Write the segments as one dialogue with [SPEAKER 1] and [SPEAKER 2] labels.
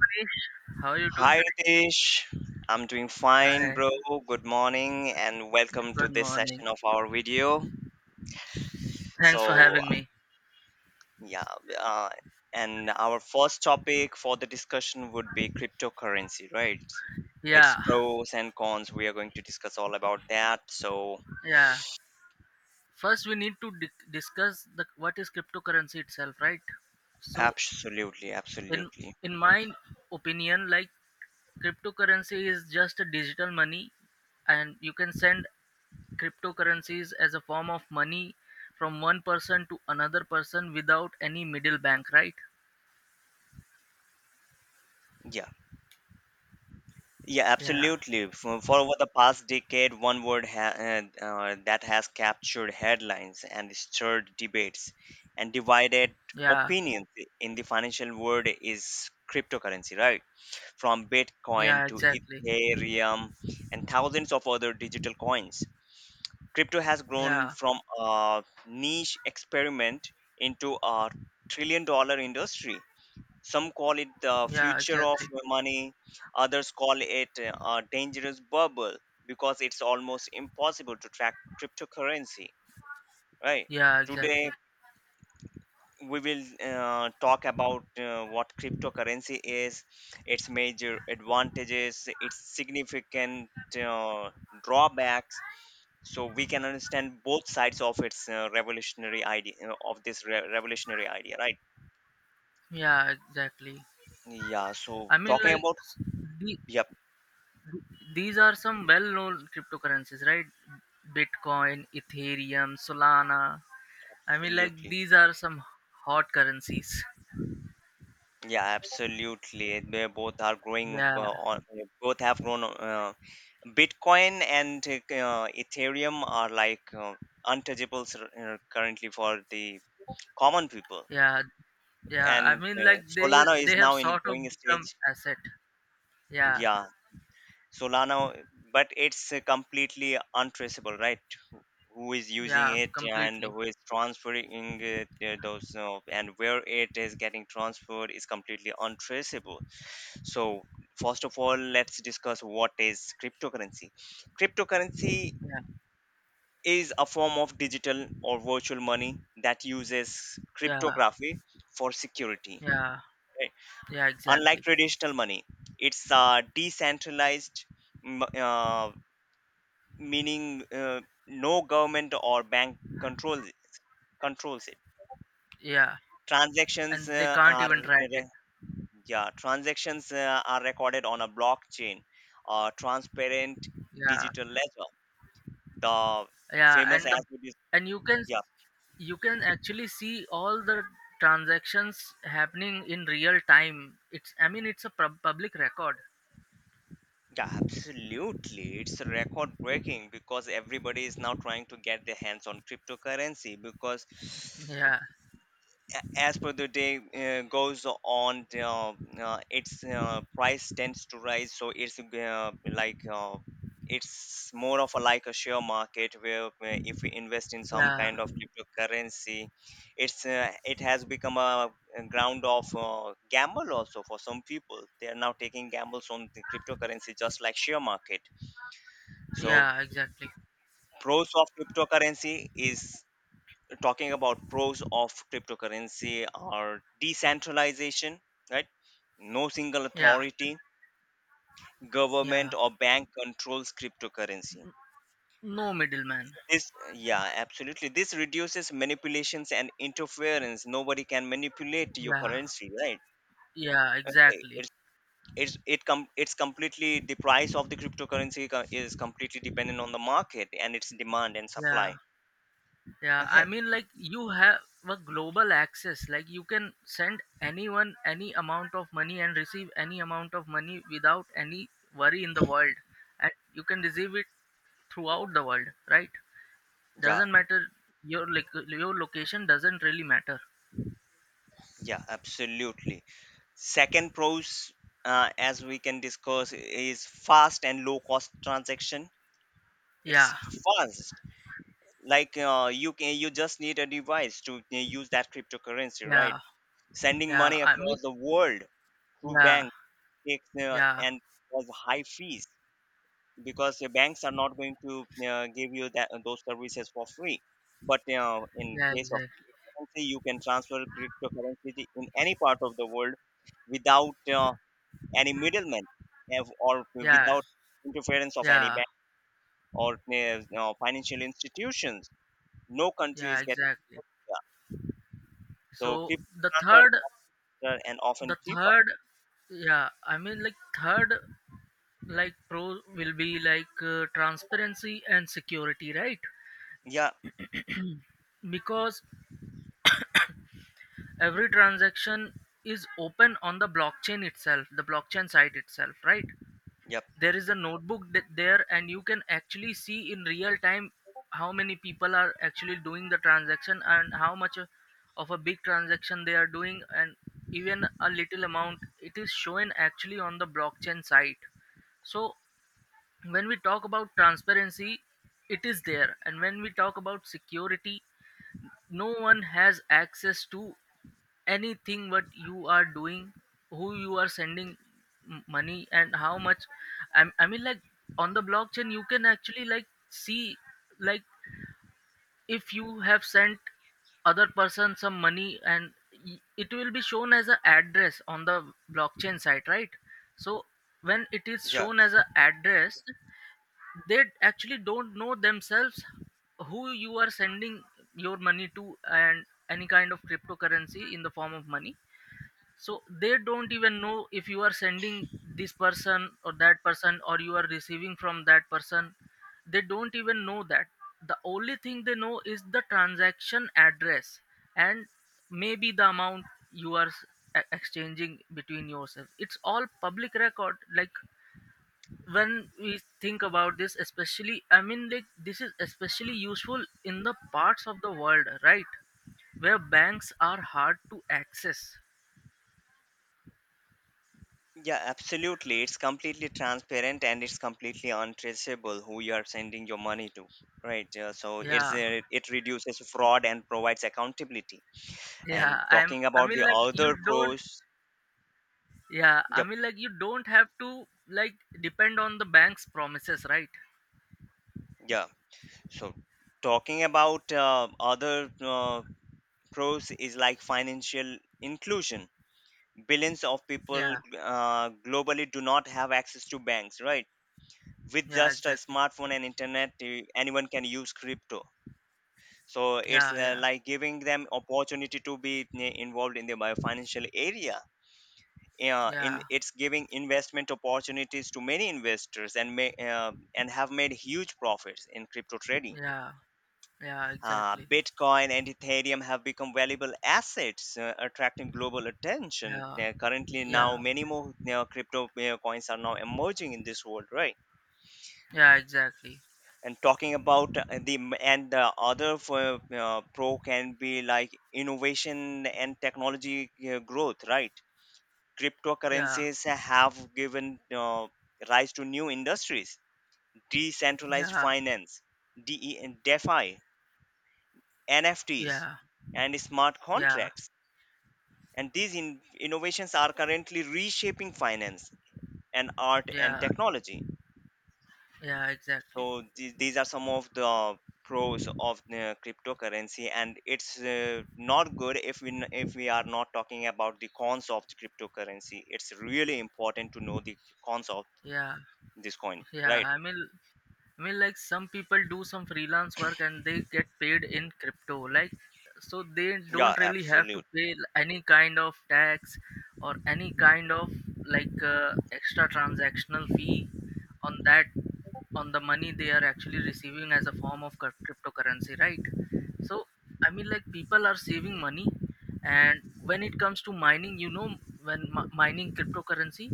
[SPEAKER 1] Krish. How are you doing
[SPEAKER 2] Hi Ritesh, I'm doing
[SPEAKER 1] today?
[SPEAKER 2] fine,
[SPEAKER 1] Hi,
[SPEAKER 2] bro. Good morning, and welcome to
[SPEAKER 1] good
[SPEAKER 2] this
[SPEAKER 1] morning.
[SPEAKER 2] session of our video.
[SPEAKER 1] Thanks for
[SPEAKER 2] So,
[SPEAKER 1] having me.
[SPEAKER 2] yeah, uh, and our first topic for the discussion would be cryptocurrency, right? Its
[SPEAKER 1] Yeah,
[SPEAKER 2] pros and cons. We are going to discuss all about that. So,
[SPEAKER 1] yeah. First, we need to discuss the what is cryptocurrency itself, right? So,
[SPEAKER 2] absolutely,
[SPEAKER 1] in
[SPEAKER 2] absolutely.
[SPEAKER 1] in my opinion, like, cryptocurrency is just a digital money, and you can send cryptocurrencies as a form of money from one person to another person without any middle bank, right?
[SPEAKER 2] Yeah. Yeah,
[SPEAKER 1] Yeah,
[SPEAKER 2] absolutely. For over the past decade, that has captured headlines and stirred debates and divided
[SPEAKER 1] yeah,
[SPEAKER 2] opinions in the financial world is cryptocurrency, right? From Bitcoin
[SPEAKER 1] yeah.
[SPEAKER 2] to
[SPEAKER 1] Exactly.
[SPEAKER 2] Ethereum and thousands of other digital coins. Crypto has grown
[SPEAKER 1] Yeah,
[SPEAKER 2] from a niche experiment into a $1 trillion industry. Some call it the
[SPEAKER 1] yeah.
[SPEAKER 2] future of
[SPEAKER 1] Exactly.
[SPEAKER 2] money, others call it a dangerous bubble because it's almost impossible to track cryptocurrency, right?
[SPEAKER 1] Yeah, exactly.
[SPEAKER 2] Today, we will talk about what cryptocurrency is, its major advantages, its significant uh, drawbacks, so we can understand both sides of its revolutionary idea revolutionary idea, right?
[SPEAKER 1] Yeah, exactly.
[SPEAKER 2] Yeah, so
[SPEAKER 1] I mean,
[SPEAKER 2] talking
[SPEAKER 1] like,
[SPEAKER 2] about,
[SPEAKER 1] the,
[SPEAKER 2] yep,
[SPEAKER 1] these are some well known cryptocurrencies, right? Bitcoin, Ethereum, Solana. I mean, like,
[SPEAKER 2] absolutely.
[SPEAKER 1] these are some hot currencies.
[SPEAKER 2] Yeah, absolutely. They both are growing
[SPEAKER 1] Yeah,
[SPEAKER 2] on they both have grown, Bitcoin and Ethereum are like untouchable currently for the common people.
[SPEAKER 1] yeah, yeah. I
[SPEAKER 2] And
[SPEAKER 1] mean,
[SPEAKER 2] you
[SPEAKER 1] like,
[SPEAKER 2] know,
[SPEAKER 1] they
[SPEAKER 2] Solana is
[SPEAKER 1] they have
[SPEAKER 2] now in
[SPEAKER 1] sort of
[SPEAKER 2] growing
[SPEAKER 1] become
[SPEAKER 2] stage.
[SPEAKER 1] asset. Yeah,
[SPEAKER 2] Yeah, Solana, but it's completely untraceable, right? Who is using
[SPEAKER 1] yeah,
[SPEAKER 2] it and
[SPEAKER 1] completely.
[SPEAKER 2] who is transferring it, those and where it is getting transferred is completely untraceable. So, first of all, let's discuss what is cryptocurrency. Cryptocurrency
[SPEAKER 1] Yeah,
[SPEAKER 2] is a form of digital or virtual money that uses
[SPEAKER 1] yeah,
[SPEAKER 2] cryptography for security,
[SPEAKER 1] yeah,
[SPEAKER 2] right?
[SPEAKER 1] yeah,
[SPEAKER 2] Unlike
[SPEAKER 1] exactly.
[SPEAKER 2] traditional money, it's decentralized, m- uh, meaning no government or bank controls. Controls it.
[SPEAKER 1] Yeah,
[SPEAKER 2] Transactions
[SPEAKER 1] and they can't even
[SPEAKER 2] are
[SPEAKER 1] track it.
[SPEAKER 2] Yeah, transactions are recorded on a blockchain, a transparent
[SPEAKER 1] Yeah,
[SPEAKER 2] digital ledger. The
[SPEAKER 1] yeah,
[SPEAKER 2] famous
[SPEAKER 1] and the
[SPEAKER 2] as it is.
[SPEAKER 1] and you can
[SPEAKER 2] Yeah,
[SPEAKER 1] you can actually see all the transactions happening in real time. It's, I mean, it's a public record.
[SPEAKER 2] yeah, absolutely. It's record breaking because everybody is now trying to get their hands on cryptocurrency because
[SPEAKER 1] Yeah,
[SPEAKER 2] as per the day goes on, its price tends to rise, so it's like uh, it's more of a like a share market where if we invest in some
[SPEAKER 1] yeah,
[SPEAKER 2] kind of cryptocurrency, it's it has become a ground of gamble also. For some people, they are now taking gambles on the cryptocurrency just like share market. So
[SPEAKER 1] yeah, exactly.
[SPEAKER 2] pros of cryptocurrency is talking about pros of cryptocurrency are decentralization, right? No single
[SPEAKER 1] Yeah,
[SPEAKER 2] authority,
[SPEAKER 1] yeah,
[SPEAKER 2] government or bank controls cryptocurrency.
[SPEAKER 1] no middleman.
[SPEAKER 2] This, yeah, absolutely. This reduces manipulations and interference. Nobody can manipulate your
[SPEAKER 1] Yeah,
[SPEAKER 2] currency, right?
[SPEAKER 1] yeah,
[SPEAKER 2] Okay,
[SPEAKER 1] exactly.
[SPEAKER 2] it's completely, the price of the cryptocurrency is completely dependent on the market and its demand and
[SPEAKER 1] Yeah,
[SPEAKER 2] supply.
[SPEAKER 1] yeah, I
[SPEAKER 2] Okay,
[SPEAKER 1] mean, like, you have a global access, like, you can send anyone any amount of money and receive any amount of money without any worry in the world, and you can receive it throughout the world, right?
[SPEAKER 2] yeah.
[SPEAKER 1] Doesn't matter. Your, like, your location doesn't really matter.
[SPEAKER 2] Yeah, absolutely. Second pros, as we can discuss, is fast and low cost transaction. It's
[SPEAKER 1] Yeah,
[SPEAKER 2] fast. Like you can, you just need a device to use that cryptocurrency, right?
[SPEAKER 1] yeah,
[SPEAKER 2] Sending
[SPEAKER 1] yeah,
[SPEAKER 2] money
[SPEAKER 1] I mean,
[SPEAKER 2] across the world through
[SPEAKER 1] yeah,
[SPEAKER 2] banks takes uh,
[SPEAKER 1] yeah,
[SPEAKER 2] and has high fees because the banks are not going to give you that those services for free. But in
[SPEAKER 1] yeah,
[SPEAKER 2] case of
[SPEAKER 1] exactly.
[SPEAKER 2] cryptocurrency, you can transfer cryptocurrency in any part of the world without any middleman, or
[SPEAKER 1] Yeah,
[SPEAKER 2] without interference of any
[SPEAKER 1] yeah,
[SPEAKER 2] bank or financial institutions, no country
[SPEAKER 1] yeah,
[SPEAKER 2] is getting.
[SPEAKER 1] exactly.
[SPEAKER 2] Yeah. So
[SPEAKER 1] So
[SPEAKER 2] crypto
[SPEAKER 1] the
[SPEAKER 2] transfer
[SPEAKER 1] third,
[SPEAKER 2] are and often
[SPEAKER 1] the
[SPEAKER 2] cheaper.
[SPEAKER 1] third, yeah, I mean, like, third, like, pro will be like, transparency and security, right?
[SPEAKER 2] Yeah,
[SPEAKER 1] Because every transaction is open on the blockchain itself, the blockchain site itself, right?
[SPEAKER 2] yep,
[SPEAKER 1] There is a notebook there, and you can actually see in real time how many people are actually doing the transaction and how much of a big transaction they are doing, and even a little amount, it is shown actually on the blockchain site. So when we talk about transparency, it is there, and when we talk about security, no one has access to anything what you are doing, who you are sending money, and how much. I mean, like, on the blockchain you can actually, like, see, like, if you have sent other person some money, and it will be shown as an address on the blockchain site, right? So when it is
[SPEAKER 2] yeah,
[SPEAKER 1] shown as an address, they actually don't know themselves who you are sending your money to, and any kind of cryptocurrency in the form of money. So they don't even know if you are sending this person or that person, or you are receiving from that person. They don't even know that. The only thing they know is the transaction address, and maybe the amount you are exchanging between yourself. It's all public record. Like, when we think about this, especially, I mean, like, this is especially useful in the parts of the world, right, where banks are hard to access.
[SPEAKER 2] yeah, absolutely. It's completely transparent and it's completely untraceable who you are sending your money to, right? So it's
[SPEAKER 1] Yeah,
[SPEAKER 2] it reduces fraud and provides accountability. And
[SPEAKER 1] yeah,
[SPEAKER 2] talking
[SPEAKER 1] I
[SPEAKER 2] about
[SPEAKER 1] mean,
[SPEAKER 2] the
[SPEAKER 1] like, you
[SPEAKER 2] other
[SPEAKER 1] don't.
[SPEAKER 2] pros,
[SPEAKER 1] Yeah, I
[SPEAKER 2] yep,
[SPEAKER 1] mean, like, you don't have to, like, depend on the bank's promises, right?
[SPEAKER 2] yeah. So talking about other pros is like financial inclusion. Billions of people
[SPEAKER 1] Yeah,
[SPEAKER 2] globally do not have access to banks, right? With
[SPEAKER 1] yeah,
[SPEAKER 2] just a
[SPEAKER 1] exactly.
[SPEAKER 2] smartphone and internet, eh, anyone can use crypto. So it's
[SPEAKER 1] Yeah, yeah,
[SPEAKER 2] like giving them opportunity to be, eh, involved in the financial area, in
[SPEAKER 1] yeah,
[SPEAKER 2] it's giving investment opportunities to many investors and have made huge profits in crypto trading.
[SPEAKER 1] yeah, yeah, exactly.
[SPEAKER 2] Bitcoin and Ethereum have become valuable assets, attracting global attention.
[SPEAKER 1] Yeah,
[SPEAKER 2] Currently, now
[SPEAKER 1] yeah,
[SPEAKER 2] many more crypto coins are now emerging in this world, right?
[SPEAKER 1] yeah, exactly.
[SPEAKER 2] And talking about the m- and the other pro can be like innovation and technology growth, right?
[SPEAKER 1] Yeah,
[SPEAKER 2] Cryptocurrencies have given rise to new industries: decentralized
[SPEAKER 1] yeah,
[SPEAKER 2] finance, de and defi, nfts
[SPEAKER 1] yeah,
[SPEAKER 2] and smart
[SPEAKER 1] yeah,
[SPEAKER 2] contracts. And these innovations are currently reshaping finance and art and
[SPEAKER 1] yeah.
[SPEAKER 2] technology.
[SPEAKER 1] Yeah, exactly.
[SPEAKER 2] So these are some of the pros of the cryptocurrency, and it's not good if if we are not talking about the cons of the cryptocurrency. It's really important to know the cons of
[SPEAKER 1] Yeah,
[SPEAKER 2] this coin,
[SPEAKER 1] yeah.
[SPEAKER 2] right?
[SPEAKER 1] I mean, like, some people do some freelance work and they get paid in crypto. Like, so they
[SPEAKER 2] Yeah,
[SPEAKER 1] don't really have to
[SPEAKER 2] absolute.
[SPEAKER 1] pay any kind of tax or any kind of, like, extra transactional fee on that, on the money they are actually receiving as a form of cryptocurrency, right? So, I mean, like, people are saving money, and when it comes to mining, you know, when mining cryptocurrency,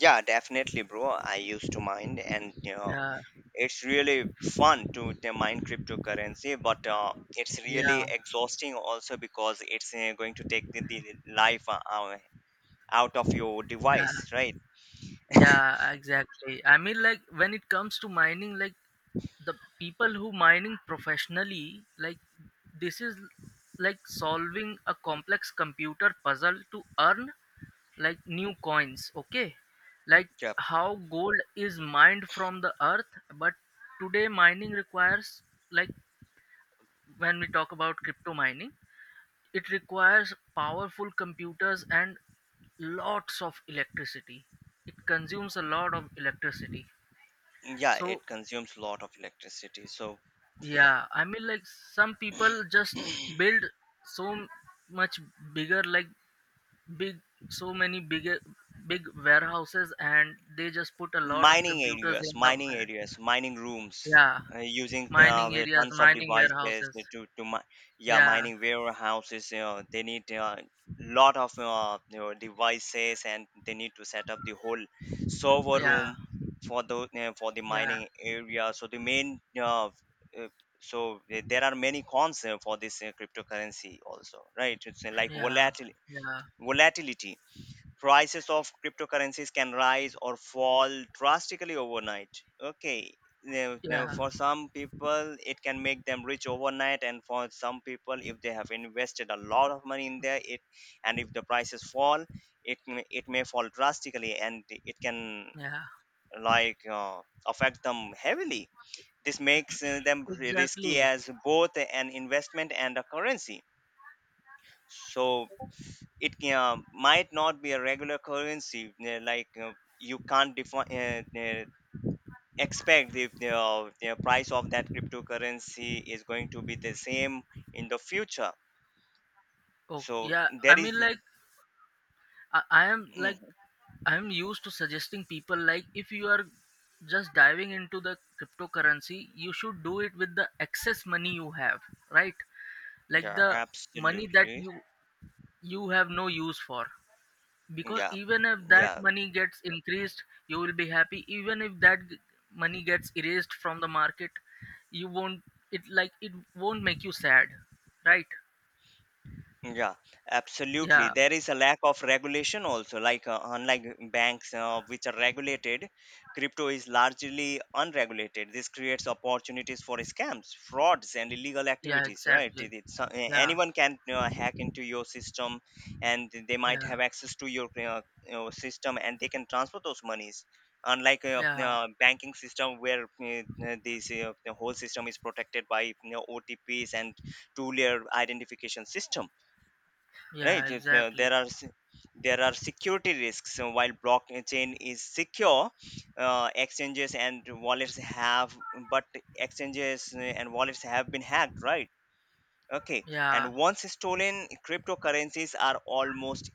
[SPEAKER 2] Yeah, definitely, bro. I used to mine, and you know,
[SPEAKER 1] yeah,
[SPEAKER 2] it's really fun to the mine cryptocurrency, but it's really
[SPEAKER 1] yeah.
[SPEAKER 2] exhausting also because it's going to take the life out of your
[SPEAKER 1] Yeah,
[SPEAKER 2] device, right?
[SPEAKER 1] yeah, exactly. I mean, like, when it comes to mining, like, the people who mining professionally, like, this is like solving a complex computer puzzle to earn like new coins. Okay, like
[SPEAKER 2] Yeah,
[SPEAKER 1] how gold is mined from the earth, but today mining requires, like, when we talk about crypto mining, it requires powerful computers and lots of electricity. It consumes a lot of electricity.
[SPEAKER 2] yeah,
[SPEAKER 1] So,
[SPEAKER 2] it consumes a lot of electricity. So
[SPEAKER 1] yeah, I mean, like, some people just build so much bigger, like, big, so many bigger, big warehouses, and they just put a lot of computers in the,
[SPEAKER 2] mining rooms,
[SPEAKER 1] yeah,
[SPEAKER 2] using
[SPEAKER 1] mining
[SPEAKER 2] the
[SPEAKER 1] areas,
[SPEAKER 2] tons of
[SPEAKER 1] mining
[SPEAKER 2] devices
[SPEAKER 1] warehouses.
[SPEAKER 2] to yeah,
[SPEAKER 1] Yeah,
[SPEAKER 2] mining warehouses. You know, they need a, lot of, you know, devices, and they need to set up the whole server
[SPEAKER 1] yeah,
[SPEAKER 2] room for the, for the
[SPEAKER 1] yeah,
[SPEAKER 2] mining area. So the main uh, so there are many cons for this cryptocurrency also, right?
[SPEAKER 1] yeah, yeah,
[SPEAKER 2] Volatility, prices of cryptocurrencies can rise or fall drastically overnight. Okay, now
[SPEAKER 1] yeah,
[SPEAKER 2] for some people it can make them rich overnight, and for some people, if they have invested a lot of money in there, it and if the prices fall, it it may fall drastically and it can,
[SPEAKER 1] yeah,
[SPEAKER 2] like, affect them heavily. This makes them risky
[SPEAKER 1] exactly.
[SPEAKER 2] as both an investment and a currency. So it might not be a regular currency, like, you can't define expect the price of that cryptocurrency is going to be the same in the future.
[SPEAKER 1] Oh,
[SPEAKER 2] So
[SPEAKER 1] yeah. I
[SPEAKER 2] there
[SPEAKER 1] mean,
[SPEAKER 2] is.
[SPEAKER 1] like, I am, like,
[SPEAKER 2] Mhm.
[SPEAKER 1] I am used to suggesting people, like, if you are just diving into the cryptocurrency, you should do it with the excess money you have, right? Like
[SPEAKER 2] Yeah,
[SPEAKER 1] the money that
[SPEAKER 2] absolutely.
[SPEAKER 1] you have no use for, because
[SPEAKER 2] Yeah,
[SPEAKER 1] even if that
[SPEAKER 2] yeah.
[SPEAKER 1] money gets increased, you will be happy. Even if that money gets erased from the market, you won't. It, like, it won't make you sad, right?
[SPEAKER 2] Yeah, absolutely.
[SPEAKER 1] Yeah,
[SPEAKER 2] There is a lack of regulation also. Like, unlike banks, which are regulated, crypto is largely unregulated. This creates opportunities for scams, frauds, and illegal
[SPEAKER 1] yeah,
[SPEAKER 2] activities. Right?
[SPEAKER 1] exactly.
[SPEAKER 2] It's,
[SPEAKER 1] Yeah,
[SPEAKER 2] anyone can hack into your system, and they might
[SPEAKER 1] yeah.
[SPEAKER 2] have access to your, you know, system, and they can transfer those monies. Unlike a,
[SPEAKER 1] Yeah,
[SPEAKER 2] banking system where, this the whole system is protected by, you know, OTPs and two-layer identification system,
[SPEAKER 1] yeah,
[SPEAKER 2] right? if,
[SPEAKER 1] exactly.
[SPEAKER 2] there are se- There are security risks. So while blockchain is secure, uh, exchanges and wallets have but exchanges and wallets have been hacked, right? Okay,
[SPEAKER 1] Yeah,
[SPEAKER 2] and once stolen, cryptocurrencies are almost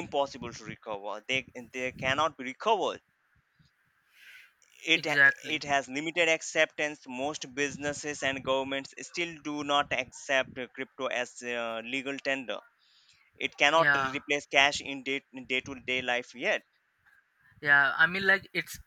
[SPEAKER 2] impossible to recover. They cannot be recovered. it
[SPEAKER 1] exactly.
[SPEAKER 2] it has limited acceptance. Most businesses and governments still do not accept crypto as legal tender. It cannot
[SPEAKER 1] Yeah,
[SPEAKER 2] replace cash in day to day life yet.
[SPEAKER 1] yeah. I mean, like, it's